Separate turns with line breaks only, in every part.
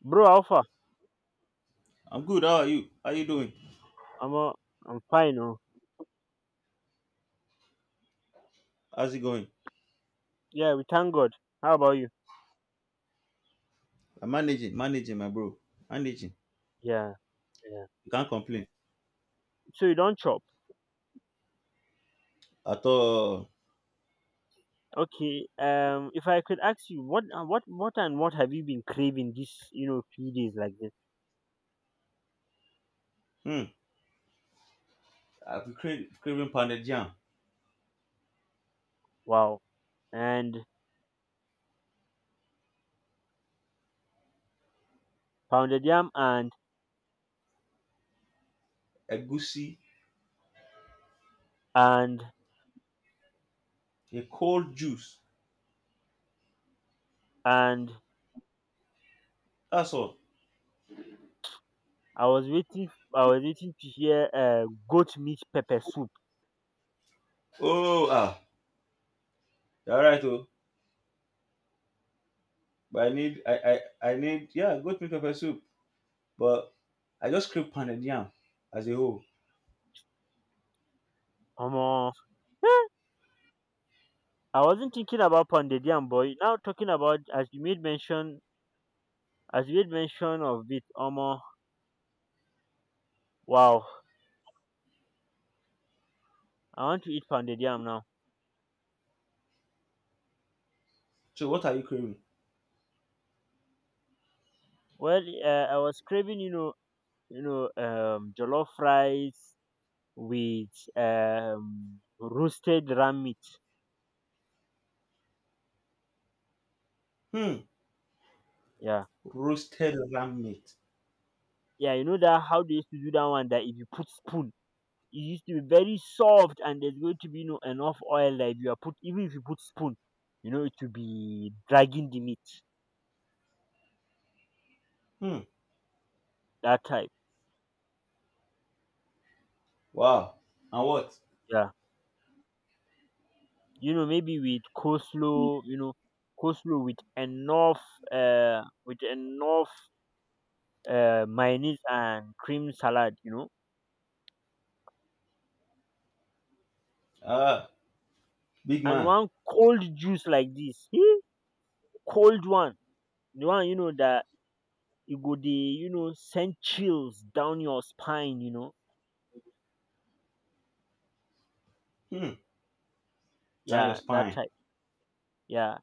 Bro, how far?
I'm good. How are you? How you doing?
I'm uh, I'm fine. Oh,
How's it going?
yeah. We thank God. How about you?
I'm managing, managing, my bro. Managing.
Yeah, yeah.
You can't complain
So you don't chop.
at all.
Okay. If I could ask you, what have you been craving this few days like this?
Hmm. I'm craving, craving pounded jam,
Wow. And pounded yam
egusi,
and
a cold juice.
and
That's all.
I was waiting. I was waiting to hear goat meat pepper soup.
Oh ah, all right oh. But I need, yeah, goat meat pepper soup. But I just crave pounded jam as a whole.
Um, I wasn't thinking about pounded yam, boy. Now talking about as you made mention, as you made mention of it. Wow. I want to eat pounded yam now.
So what are you craving?
Well, I was craving jollof rice with roasted ram meat.
Hmm.
Yeah,
Roasted lamb meat.
yeah. You know that how they used to do that one, that if you put spoon, it used to be very soft, and there's going to be, you know, enough oil that if you are put, even if you put spoon, you know, it will be dragging the meat.
Hmm.
That type.
Wow. And what?
Yeah. You know, maybe with coleslaw. You know, coleslaw with enough mayonnaise and cream salad, you know,
Ah, big
and
man.
one cold juice like this, eh, cold one, the one you know that it go the you know send chills down your spine, you know,
Hmm. Down your
yeah, that
spine.
type, yeah,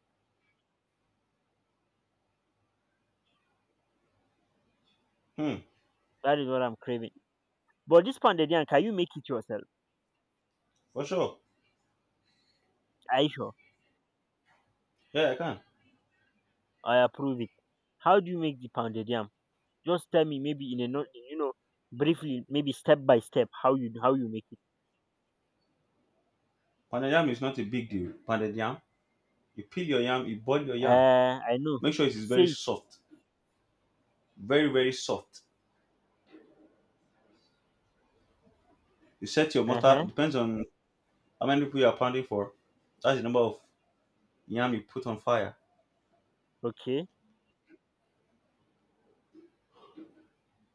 Hmm.
that is what I'm craving. But this pounded yam, can you make it yourself?
For sure.
Are you sure?
Yeah, I can.
I approve it. How do you make the pounded yam? Just tell me, maybe in a not, you know, briefly, maybe step by step, how you make it.
Pounded yam is not a big deal. Pounded yam. You peel your yam, you boil your yam.
I know.
Make sure it is very
Say it.
soft. Very, very soft. You set your
Uh
mortar,
huh.
depends on how many people you are pounding for. That's the number of yam you put on fire.
Okay.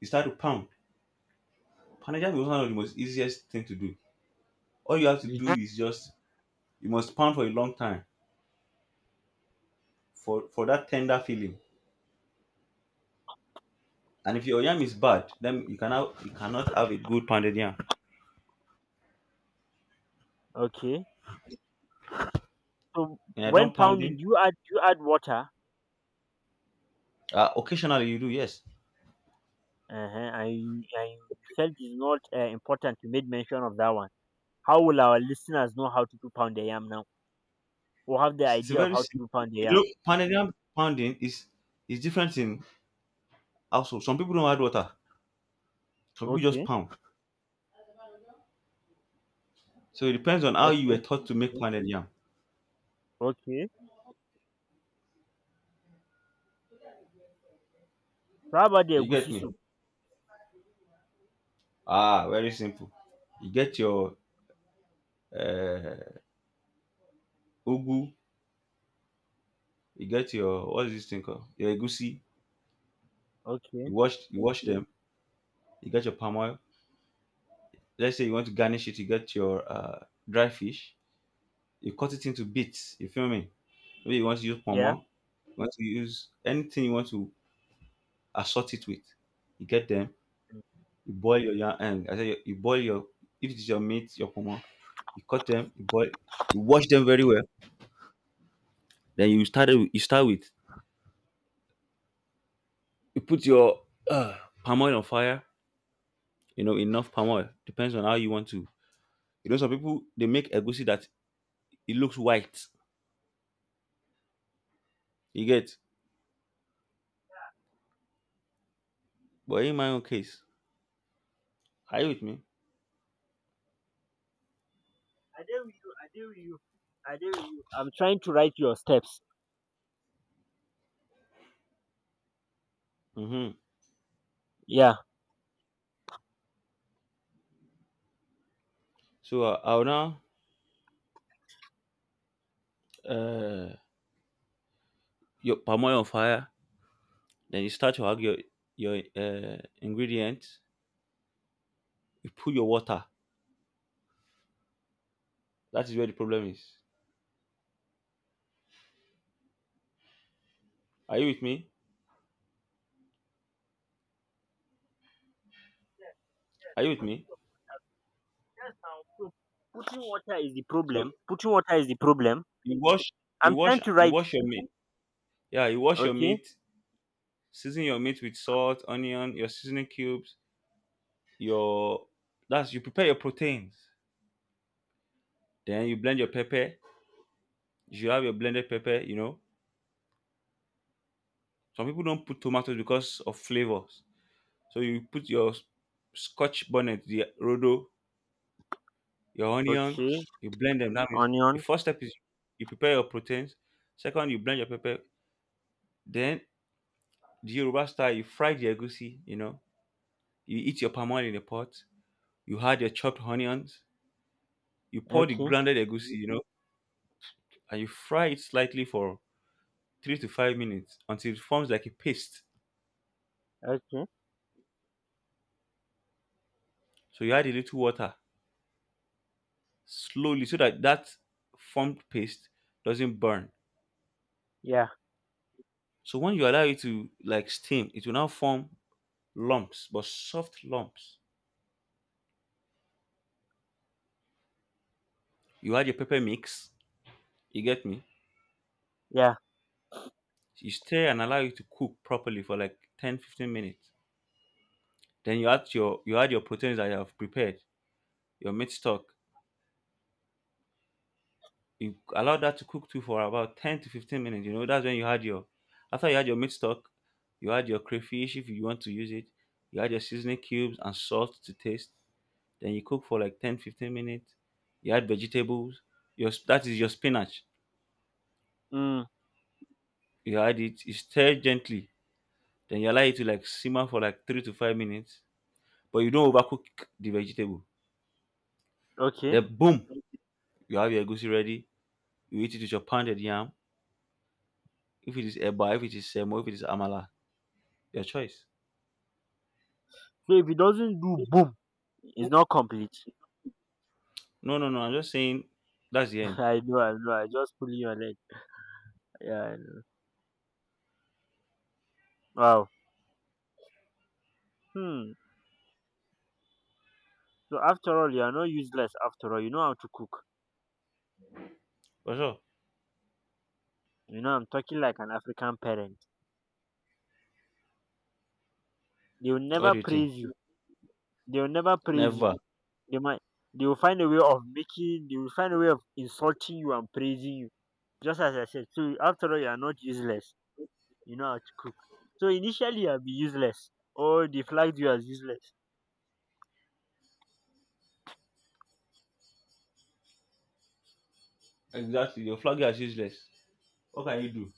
You start to pound. Pounded yam is one of the most easiest thing to do. All you have to
You-
do is just you must pound for a long time for that tender feeling. And if your yam is bad, then you cannot have a good pounded yam.
Okay. So
When you're
when
done
pounding,
pounding,
you add water?
occasionally you do, yes.
Uh-huh. I felt it's not important to make mention of that one. How will our listeners know how to do pound the yam now, or have the
It's a
idea of
very
how to
simple.
do pound the
You
yam?
know, Panadian pounding is different in household. Some people don't add water. Some people just
Okay,
pound. So it depends on how you were
okay,
taught to make pounded yam.
okay. So how about the
You get
egusi
me?
soup?
Ah, very simple. You get your uh, ugu. You get your what's this thing called? Your egusi. You
Okay,
wash you wash them. You get your palm oil. Let's say you want to garnish it. You get your dry fish. You cut it into bits. You feel me? Maybe you want to use palm
yeah.
oil. You want to use anything you want to assort it with. You get them,
Mm.
you boil your yam, I say you boil your if it's your meat, your pomo, you cut them, you boil, you wash them very well. Then you start with you put your palm oil on fire. You know enough palm oil depends on how you want to. You know some people they make egusi that it looks white. You get, but in my own case, are you with me?
I dare with you. I dare with you. I dare with you. I'm trying to write your steps.
Mm-hmm.
Yeah.
So I'll now uh, your palm oil on fire. Then you start to add your your ingredients. You put your water. That is where the problem is. Are you with me? Are you with
Yes,
me?
now. So putting water is the
So
problem. Putting water is the problem.
you wash,
I'm trying to
you
write.
wash your meat. Yeah, you wash your
Okay.
meat. Season your meat with salt, onion, your seasoning cubes. Your that's you prepare your proteins. Then you blend your pepper. You should have your blended pepper. You know, some people don't put tomatoes because of flavors. So you put your scotch bonnet, the rodo, your
Okay.
onions. You blend them. That means the
Onions.
first step is you prepare your proteins. Second, you blend your pepper. Then the Yoruba style, you fry the egusi, you know, you eat your palm oil in a pot, you add your chopped onions, you pour the
Okay.
grounded egusi, you know, and you fry it slightly for 3 to 5 minutes until it forms like a paste.
Okay.
So you add a little water slowly so that that formed paste doesn't burn.
Yeah.
So when you allow it to like steam, it will now form lumps, but soft lumps. You add your pepper mix, you get me?
Yeah.
You stir and allow it to cook properly for like 10 to 15 minutes. Then you add your your proteins that you have prepared, your meat stock. You allow that to cook too for about 10 to 15 minutes. You know that's when you add your after you add your meat stock, you add your crayfish if you want to use it. You add your seasoning cubes and salt to taste. Then you cook for like 10 to 15 minutes. You add vegetables. Your that is your spinach.
Mm.
You add it. You stir gently. Then you allow it to like simmer for like 3 to 5 minutes. But you don't overcook the vegetable.
Okay.
Then boom, you have your goosey ready. You eat it with your pounded yam. If it is Eba, if it is Semo, if it is Amala, your choice.
So if it doesn't do boom, it's not complete.
No, no, no. I'm just saying that's the end.
I know. I know. I just pulling your leg. Yeah. I know. Wow. Hmm. So after all, you are not useless. After all, you know how to cook.
For sure.
You know, I'm talking like an African parent. They will
What
never
do you think?
praise you. They will never praise you.
Never.
They might. They will find a way of making. They will find a way of insulting you and praising you. Just as I said. So after all, you are not useless. You know how to cook. So initially, I'll be useless. All they flags you as useless.
Exactly. Your flag you as useless. What can you do?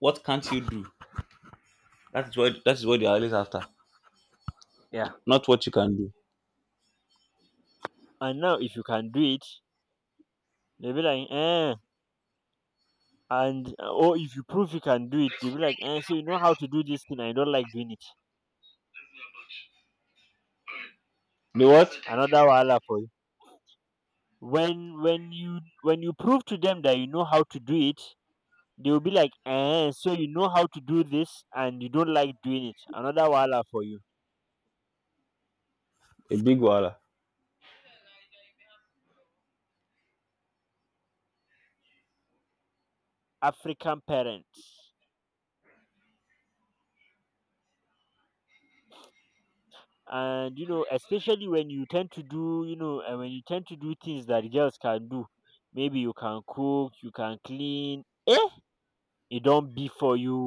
What can't you do? That is what they
Mm.
are always after.
Yeah.
Not what you can do.
And now if you can do it, they'll be like, eh. And or if you prove you can do it, they'll be like, eh, so you know how to do this thing and you don't like doing it.
The what?
Another wahala for you. When you prove to them that you know how to do it, they'll be like, eh, so you know how to do this and you don't like doing it. Another wahala for you.
A big wala.
African parents. And you know, especially when you tend to do, you know, and when you tend to do things that girls can do, maybe you can cook, you can clean, e don be for you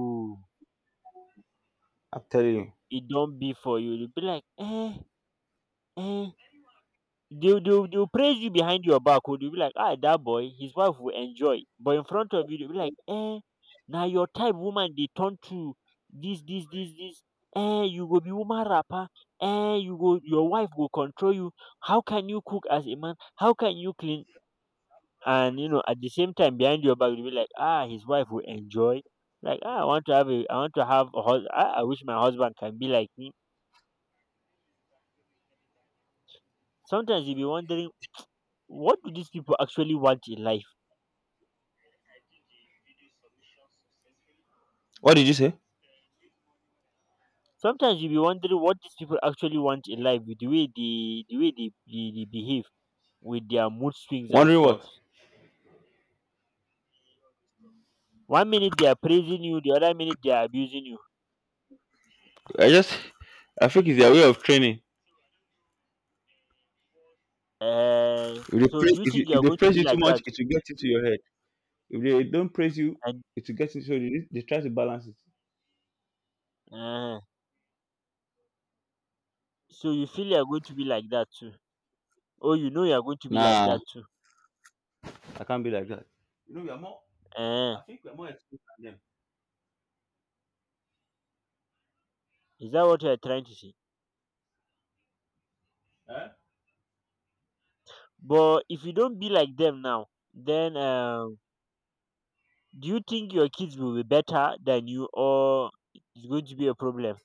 I'm telling you.
e don be for you, you be like eh eh, they dey they will praise you behind your back oh, dey will be like ah that boy his wife will enjoy but in front of you dey will be like eh. Now your type woman they turn to this. Eh you go be woman rapper. Eh you go your wife will control you, how can you cook as a man, how can you clean, and you know at the same time behind your back you'll be like ah his wife will enjoy like ah I want to have a I want to have a husband. Ah, I wish my husband can be like me. Sometimes you'll be wondering what do these people actually want in life.
What did you say?
Sometimes you'll be wondering what these people actually want in life with the way they behave with their mood swings and
Wondering
stuff.
what?
One minute they are praising you, the other minute they are abusing you.
I just I think it's their way of training. If they
So
praise,
do you think you
if
are
they
going to
praise
be
you too
like
much,
that?
it will get into your head. If they don't praise you,
and
it will get into your head. They try to balance it.
uh, so you feel you are going to be like that too? Oh, you know you are going to be like
Nah.
that too.
I can't be like that. You know, we are more.
Eh,
I think we are more experienced than them.
is that what you are trying to say?
Eh?
But if you don't be like them now, then do you think your kids will be better than you, or it's going to be a problem?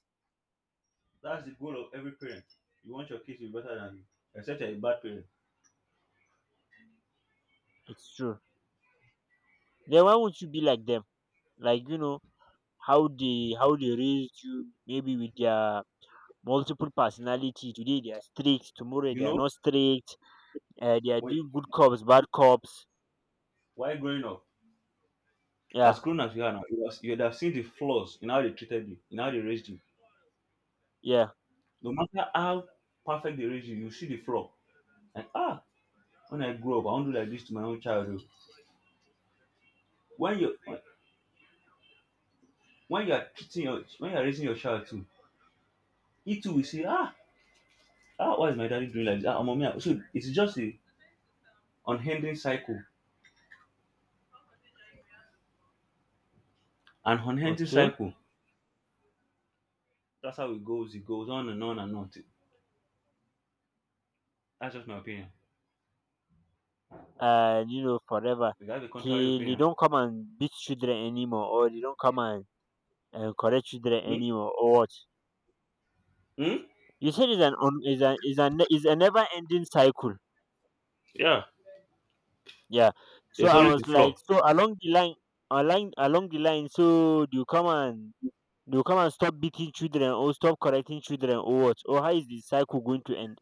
That's the goal of every parent. You want your kids to be better than you, except you're a bad parent.
It's true. Then why won't you be like them? Like you know how they raised you, maybe with their multiple personality. Today they are strict, tomorrow
You
they are
know,
not strict. They are
when,
doing good cops, bad cops.
while growing up, as
Yeah,
grown as you are now, you have, you'd have seen the flaws in how they treated you, in how they raised you.
yeah.
No matter how perfect they raised you, you see the flaw. And ah, when I grow up, I won't do like this to my own child, oh. When you when you are treating your when you are raising your child too, he too will say, ah, ah, why is my daddy doing like this? Ah, mommy, ah. So it's just a unending cycle. An unending
Okay.
cycle. That's how it goes. It goes on and on and on. That's just my opinion.
And you know forever
Is that the
he
contrary
they
opinion?
don't come and beat children anymore, or they don't come and correct children
Hmm?
anymore or what?
Hmm?
You said it's an on is an is an is a never ending cycle.
Yeah.
Yeah, so
There's
I
always
was
a flaw.
like, so along the line, along the line, so do you come and, do you come and stop beating children or stop correcting children or what, or how is the cycle going to end,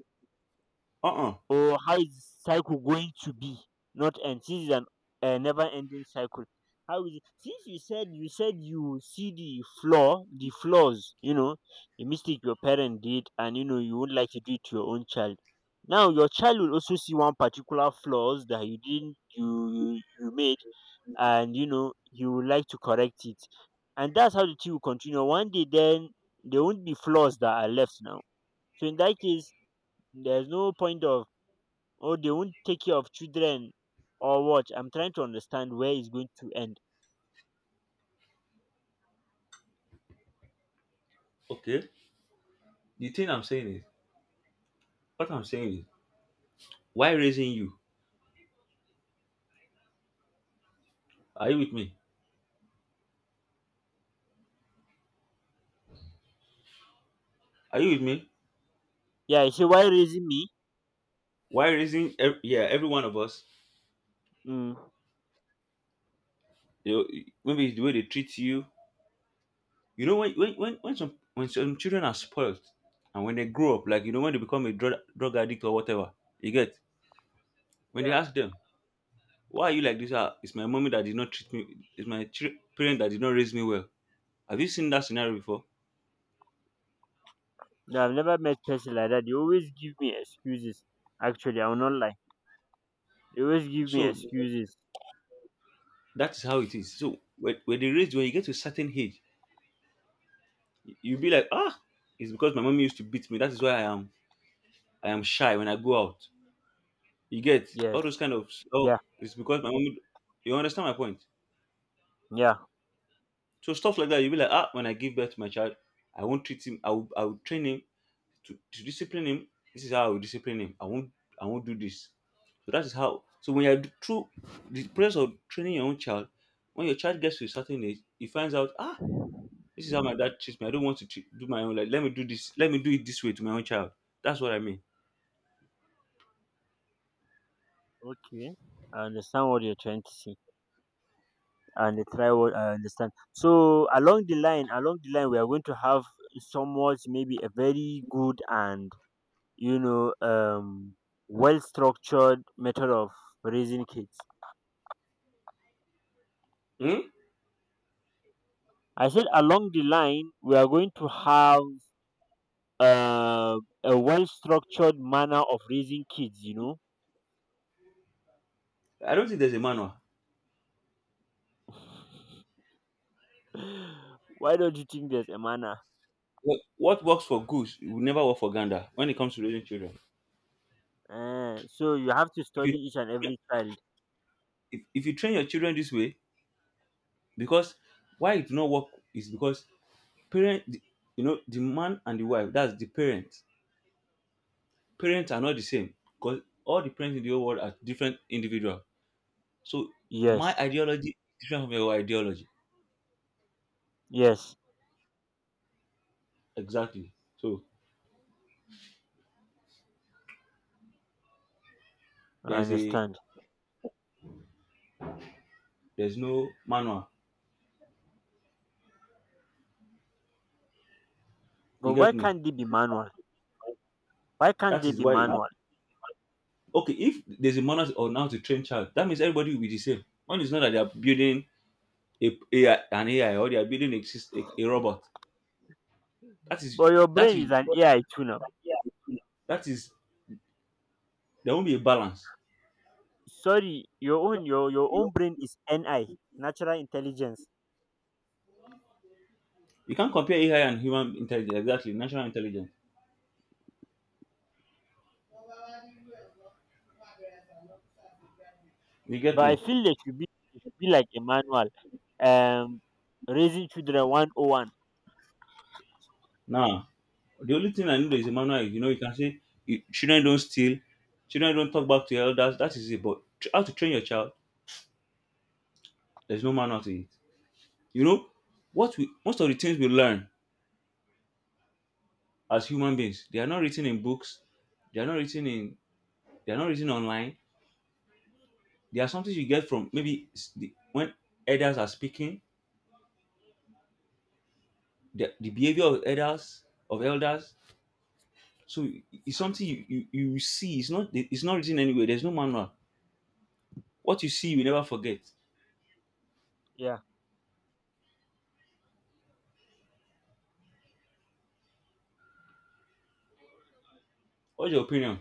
Uh-uh.
or how is the cycle going to be not end, since it's an a never ending cycle? How is it, since you said, you said you see the flaws, you know, the mistake your parent did, and you know you would like to do it to your own child. Now your child will also see one particular flaws that you didn't you you, you made, and you know he would like to correct it, and that's how the two will continue one day, then there won't be flaws that are left now. So in that case, there's no point of, or they won't take care of children, or what? I'm trying to understand where it's going to end.
Okay. The thing I'm saying is, what I'm saying is, why raising you? Are you with me? Are you with me?
Yeah, you see, why raising me?
Why raising? Yeah, every one of us.
Mm,
You know, maybe it's the way they treat you. You know, when some children are spoiled, and when they grow up, like you know, when they become a drug addict or whatever, you get when they
yeah.
ask them, why are you like this? Ah, it's my mommy that did not treat me. It's my parent that did not raise me well. Have you seen that scenario before?
No, I've never met person like that, they always give me excuses. Actually I will not lie, they always give me
So
excuses.
that is how it is. So when they raise you, when you get to a certain age, you'll be like, ah, it's because my mommy used to beat me. That is why I am shy when I go out. You get
Yes,
all those kind of oh,
yeah,
it's because my mommy. You understand my point?
yeah,
So stuff like that, you'll be like, ah, when I give birth to my child, I won't treat him. I will train him to discipline him, this is how I will discipline him. I won't do this. So that is how, so when you're through the process of training your own child, when your child gets to a certain age he finds out, ah, this is how my dad treats me, I don't want to do my own, like let me do this, let me do it this way to my own child. That's what I mean.
okay. I understand what you're trying to say, and I try what I understand. So along the line, along the line, we are going to have somewhat maybe a very good and you know well structured method of raising kids.
Hmm?
I said along the line we are going to have uh, a well structured manner of raising kids, you know.
I don't think there's a manual.
Why don't you think there's a manner?
What works for goose will never work for gander when it comes to raising children.
Eh, so you have to
If you
study each and every child.
if you train your children this way, because why it do not work is because parent, you know, the man and the wife that's the parent, parents are not the same because all the parents in the whole world are different individual. So my
Yes,
ideology is different from your ideology,
yes,
exactly. So
I
there's a
understand.
there's no manual, you
But
get
why
me?
can't they be manual? Why can't
That
they
is
be
why,
manual?
okay, if there's a manual on how to train child, that means everybody will be the same one, is not that they are building a AI, an AI, or they are building a, a robot. that is
But your
that
brain
is
is an AI too now.
that is there won't be a balance.
Sorry your own brain is ni natural intelligence.
You can't compare AI and human intelligence, exactly, natural intelligence. You get
But I
me?
feel there should be, there should be like a manual, um, raising children one oh one.
Now, the only thing I know that is a manual is, you know, you can say children don't steal, children don't talk back to your elders, that is it. But how to train your child, there's no manual to it. You know, what we most of the things we learn as human beings, they are not written in books, they are not written in they are not written online. There are something you get from maybe when elders are speaking, the behavior of elders of elders So it's something you, you see. It's not written anywhere. There's no manual. What you see, you will never forget.
Yeah.
What's your opinion?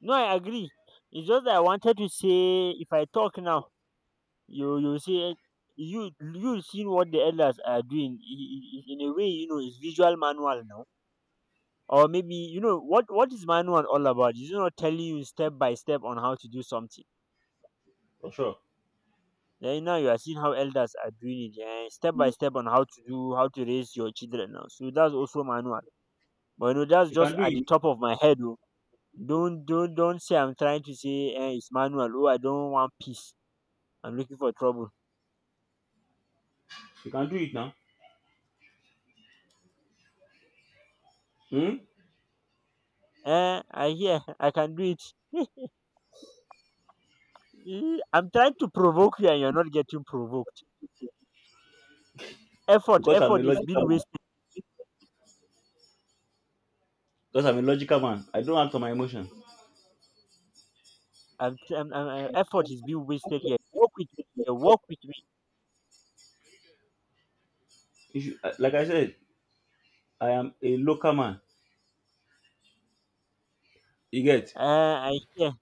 No, I agree. It's just that I wanted to say, if I talk now, you say, you seen what the elders are doing in a way. You know, it's visual manual now, or maybe you know what is manual all about? It's not telling you step by step on how to do something.
For sure,
Then now you are seeing how elders are doing it, yeah, step by step on how to do how to raise your children now. So that's also manual. But you know, that's
you
just
can do
at the
it.
top of my head. Oh. Don't say I'm trying to say eh, it's manual. Oh, I don't want peace. I'm looking for trouble.
You can do it now. Hmm?
Eh, I hear. I can do it. Eh, I'm trying to provoke you, and you're not getting provoked. Effort,
Because I'm a
effort is
logical
being
man.
wasted.
Because I'm a logical man. I don't act on my emotion.
I'm, t- I'm, Effort is being wasted here. Work with me. Here. Work with me.
If you, like I said, I am a local man. You get?
Eh, I hear.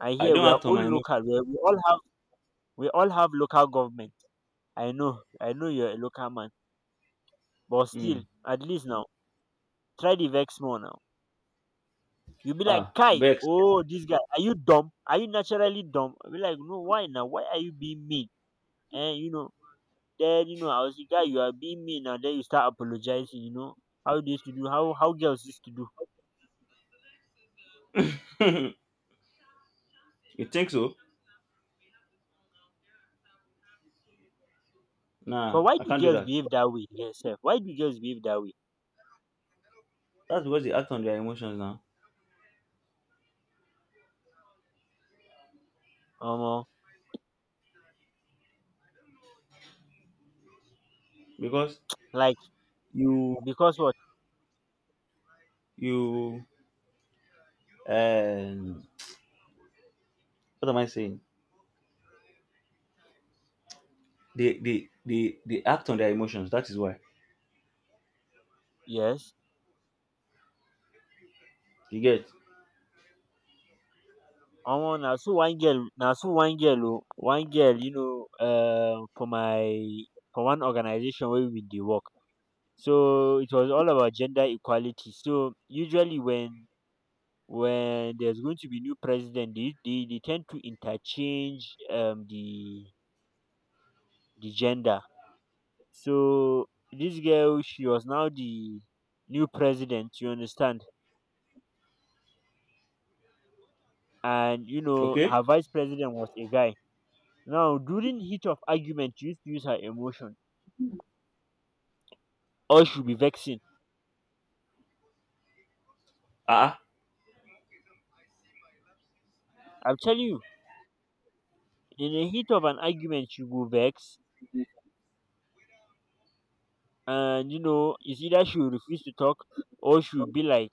I
I
hear.
don't
We are
act on
all
my emotion.
local. We, are- we all have. We all have local government. I know. I know you're a local man, but
Hmm.
still, at least now, try the vex more now. You'll be like,
Ah,
Kai,
vex.
oh, this guy, are you dumb? Are you naturally dumb? I'll be like, no, why now? Why are you being mean? And you know, then you know, I was the guy, you are being mean, and then you start apologizing, you know, how they used to do, how girls used to do.
You think so?
But
Nah,
why
I
do
can't do
girls
that.
behave that way yourself? Why do girls behave that way?
That's because they act on their emotions now.
Um,
Because
like
you
because what?
you um what am I saying? They act on their emotions, that is why
Yes.
you get.
Now so one girl, oh, one girl, you know, for one organization where we dey work. So it was all about gender equality. So usually when there's going to be new president, they tend to interchange the gender. So this girl, she was now the new president, you understand. And you know,
Okay,
her vice president was a guy. Now during heat of argument, she used to use her emotion, or she'll be vexing.
ah ah.
I'm telling you, in the heat of an argument, she will vex. And you know, it's either she will refuse to talk, or she will be like,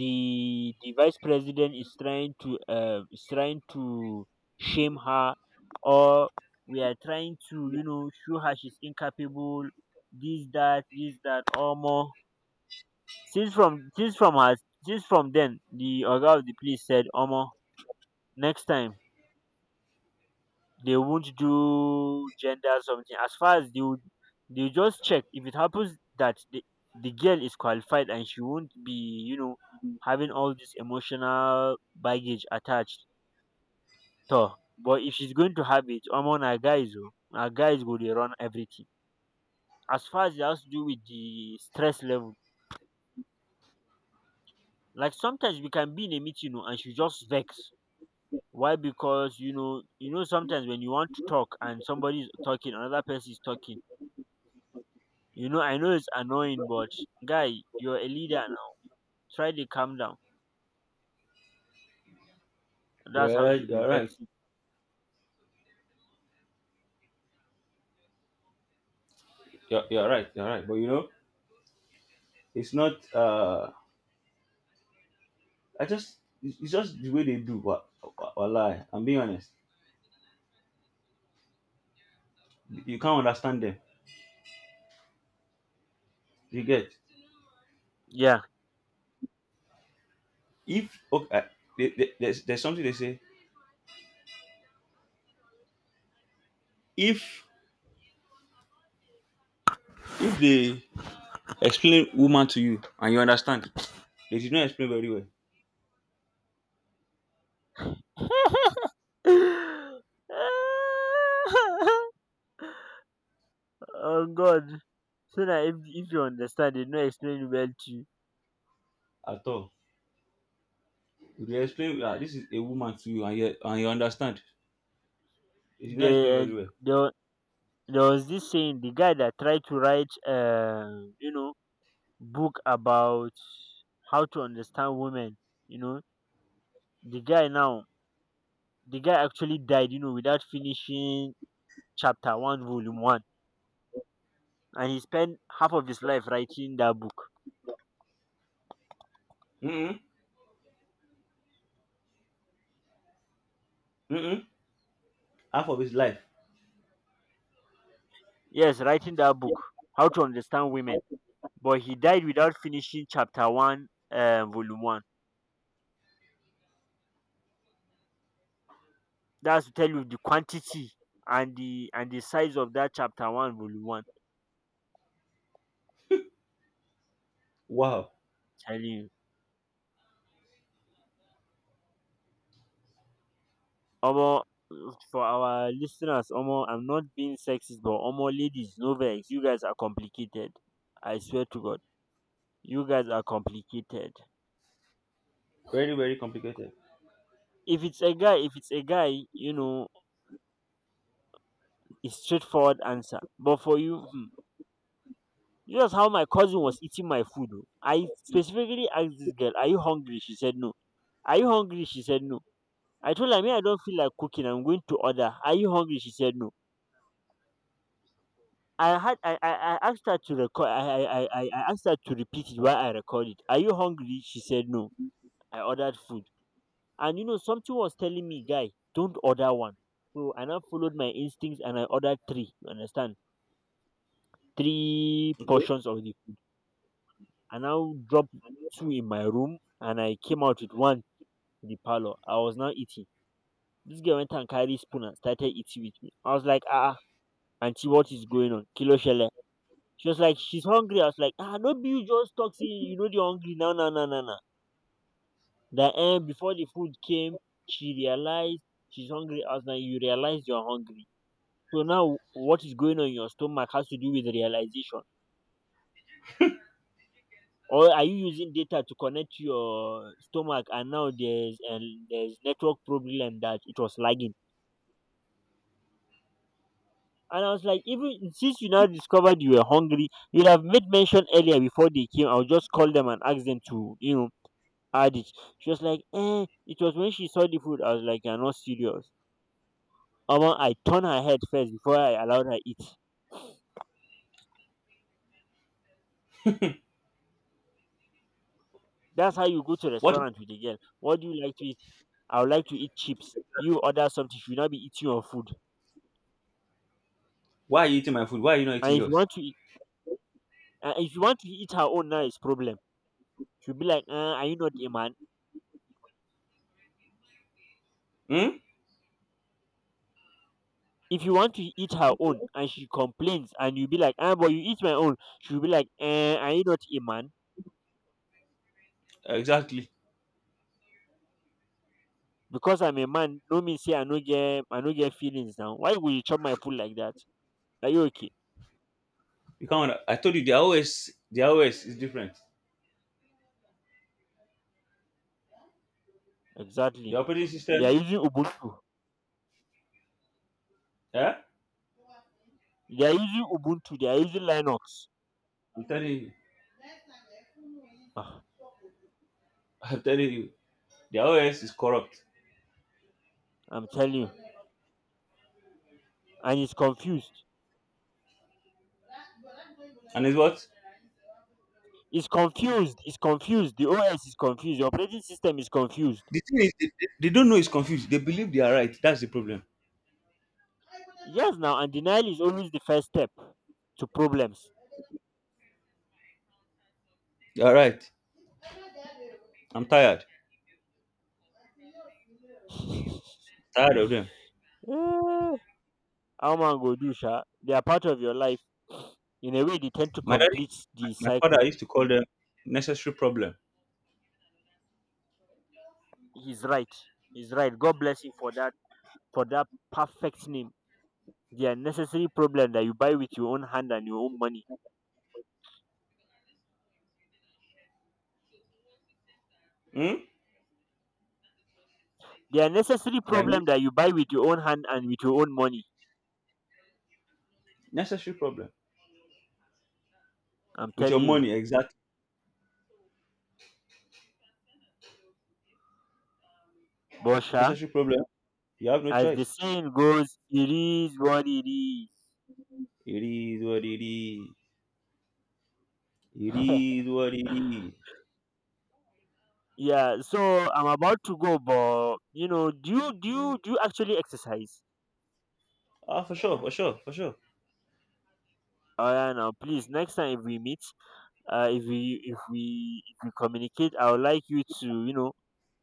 the vice president is trying to shame her, or we are trying to, you know, show her she's incapable, this that or more. since from since from her since from then, the oga of the police said, Omo, next time they won't do gender something, as far as they would. They just check if it happens that the girl is qualified, and she won't be, you know, having all this emotional baggage attached to her. But if she's going to have it, omo na guys oh, na guys go dey run everything, as far as it has to do with the stress level. Like sometimes we can be in a meeting, you know, and she just vex. Why? Because you know, sometimes when you want to talk and somebody is talking, another person is talking, you know, I know it's annoying, but guy, you're a leader now, try to calm down. That's how
Well
she be
you're right.
vex.
You're right but you know it's not I just it's just the way they do. But lie, I'm being honest, you can't understand them, you get.
Yeah.
If okay, they, there's something they say: if they explain woman to you and you understand, they did not explain very well
Oh god. So na if you understand, they no explain well to you.
at all. If you explain, ah, this is a woman to you, and you and you understand. If you not explain
there
very well,
there there was this saying, the guy that tried to write book about how to understand women, you know. the guy now the guy actually died, you know, without finishing chapter one, volume one. And he spent half of his life writing that book.
mm mm. Half of his life.
Yes, writing that
Yeah.
book, How to Understand Women.
Okay.
But he died without finishing chapter one, volume one. That's to tell you the quantity and the size of that chapter one, volume one.
Wow,
Tell you, Omo. For our listeners, Omo, I'm not being sexist, but Omo, ladies, no vex. You guys are complicated. I swear to God, you guys are complicated.
very very complicated.
If it's a guy, you know, it's straightforward answer. But for you, hmm. This was how my cousin was eating my food. Oh. I specifically asked this girl, are you hungry? She said no. Are you hungry? She said no. I told her, me, I don't feel like cooking. I'm going to order. Are you hungry? She said no. I asked her to record. I asked her to repeat it while I recorded. Are you hungry? She said no. I ordered food. And you know, something was telling me, guy, don't order one. So I now followed my instincts and I ordered three. You understand? Three
Okay.
portions of the food. I now dropped two in my room and I came out with one to the parlor. I was now eating. This girl went and carried spoon and started eating with me. I was like, ah, ah, auntie, what is going on? Kilo shele. She was like, she's hungry. I was like, ah, no, be you just talk, say you know, they're hungry. No, no, no, no, no. That end, before the food came, she realized she's hungry. I was like, you realize you're hungry. So now, what is going on in your stomach has to do with realization. Or are you using data to connect to your stomach, and now there's network problem that it was lagging? And I was like, even since you now discovered you were hungry, you'd have made mention earlier before they came. I'll just call them and ask them to, you know, add it. She was like, eh, it was when she saw the food. I was like, you're not serious. Omo, I turned her head first before I allowed her eat. That's how you go to
What?
restaurant with a girl. What do you like to eat? I would like to eat chips. You order something, she will not be eating your food.
Why are you eating my food? Why are you not eating
And if you
yours?
want to eat, if you want to eat her own, now it's problem. She'll be like, are you not a man?
Hmm?
If you want to eat her own and she complains and you be like, ah, but you eat my own, she'll be like, eh, are you not a man?
Exactly.
Because I'm a man no mean say I no get feelings now. Why would you chop my food like that? Are you okay?
You can't. I told you the OS, the OS is different.
Exactly.
The operating
they
system.
are using ubuntu
Yeah,
they are using Ubuntu. They are using Linux.
I'm telling you.
Ah,
I'm telling you. The OS is corrupt,
I'm telling you. And
and it's what
it's confused. The OS is confused. The operating system is confused.
the thing is. They don't know. It's confused. They believe they are right. That's the problem.
Yes, now. And denial is always the first step to problems.
You're right. I'm tired. Tired of them.
Mm, how man go do, sha? They are part of your life. In a way, they tend to
My
complete
daddy, my,
the
my
cycle.
father used to call them necessary problem.
He's right. He's right. God bless you for that. For that perfect name. They are necessary problem that you buy with your own hand and your own money.
Hmm?
They are necessary
Yeah,
problem that you buy with your own hand and with your own money.
necessary problem.
I'm
With
telling
your
you,
money, exactly.
Bosha.
Necessary problem. You have no
As the
choice.
saying goes, it is what it is.
It is what it is. It is what it is.
Yeah. So I'm about to go, but you know, do you actually exercise?
Ah, for sure, for sure, for sure.
Oh yeah, now please. Next time if we meet, if we communicate, I would like you to, you know,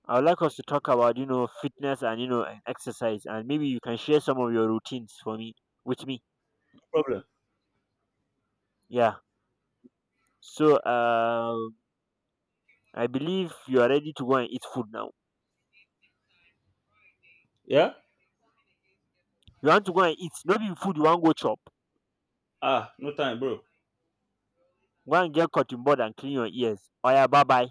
I would like us to talk about, you know, fitness, and you know, and exercise, and maybe you can share some of your routines for me with me.
No problem.
Yeah. So I believe you are ready to go and eat food now.
Yeah?
You want to go and eat? Not be food you want go chop.
Ah, no time, bro.
Go and get cotton board and clean your ears. Oh yeah, bye bye.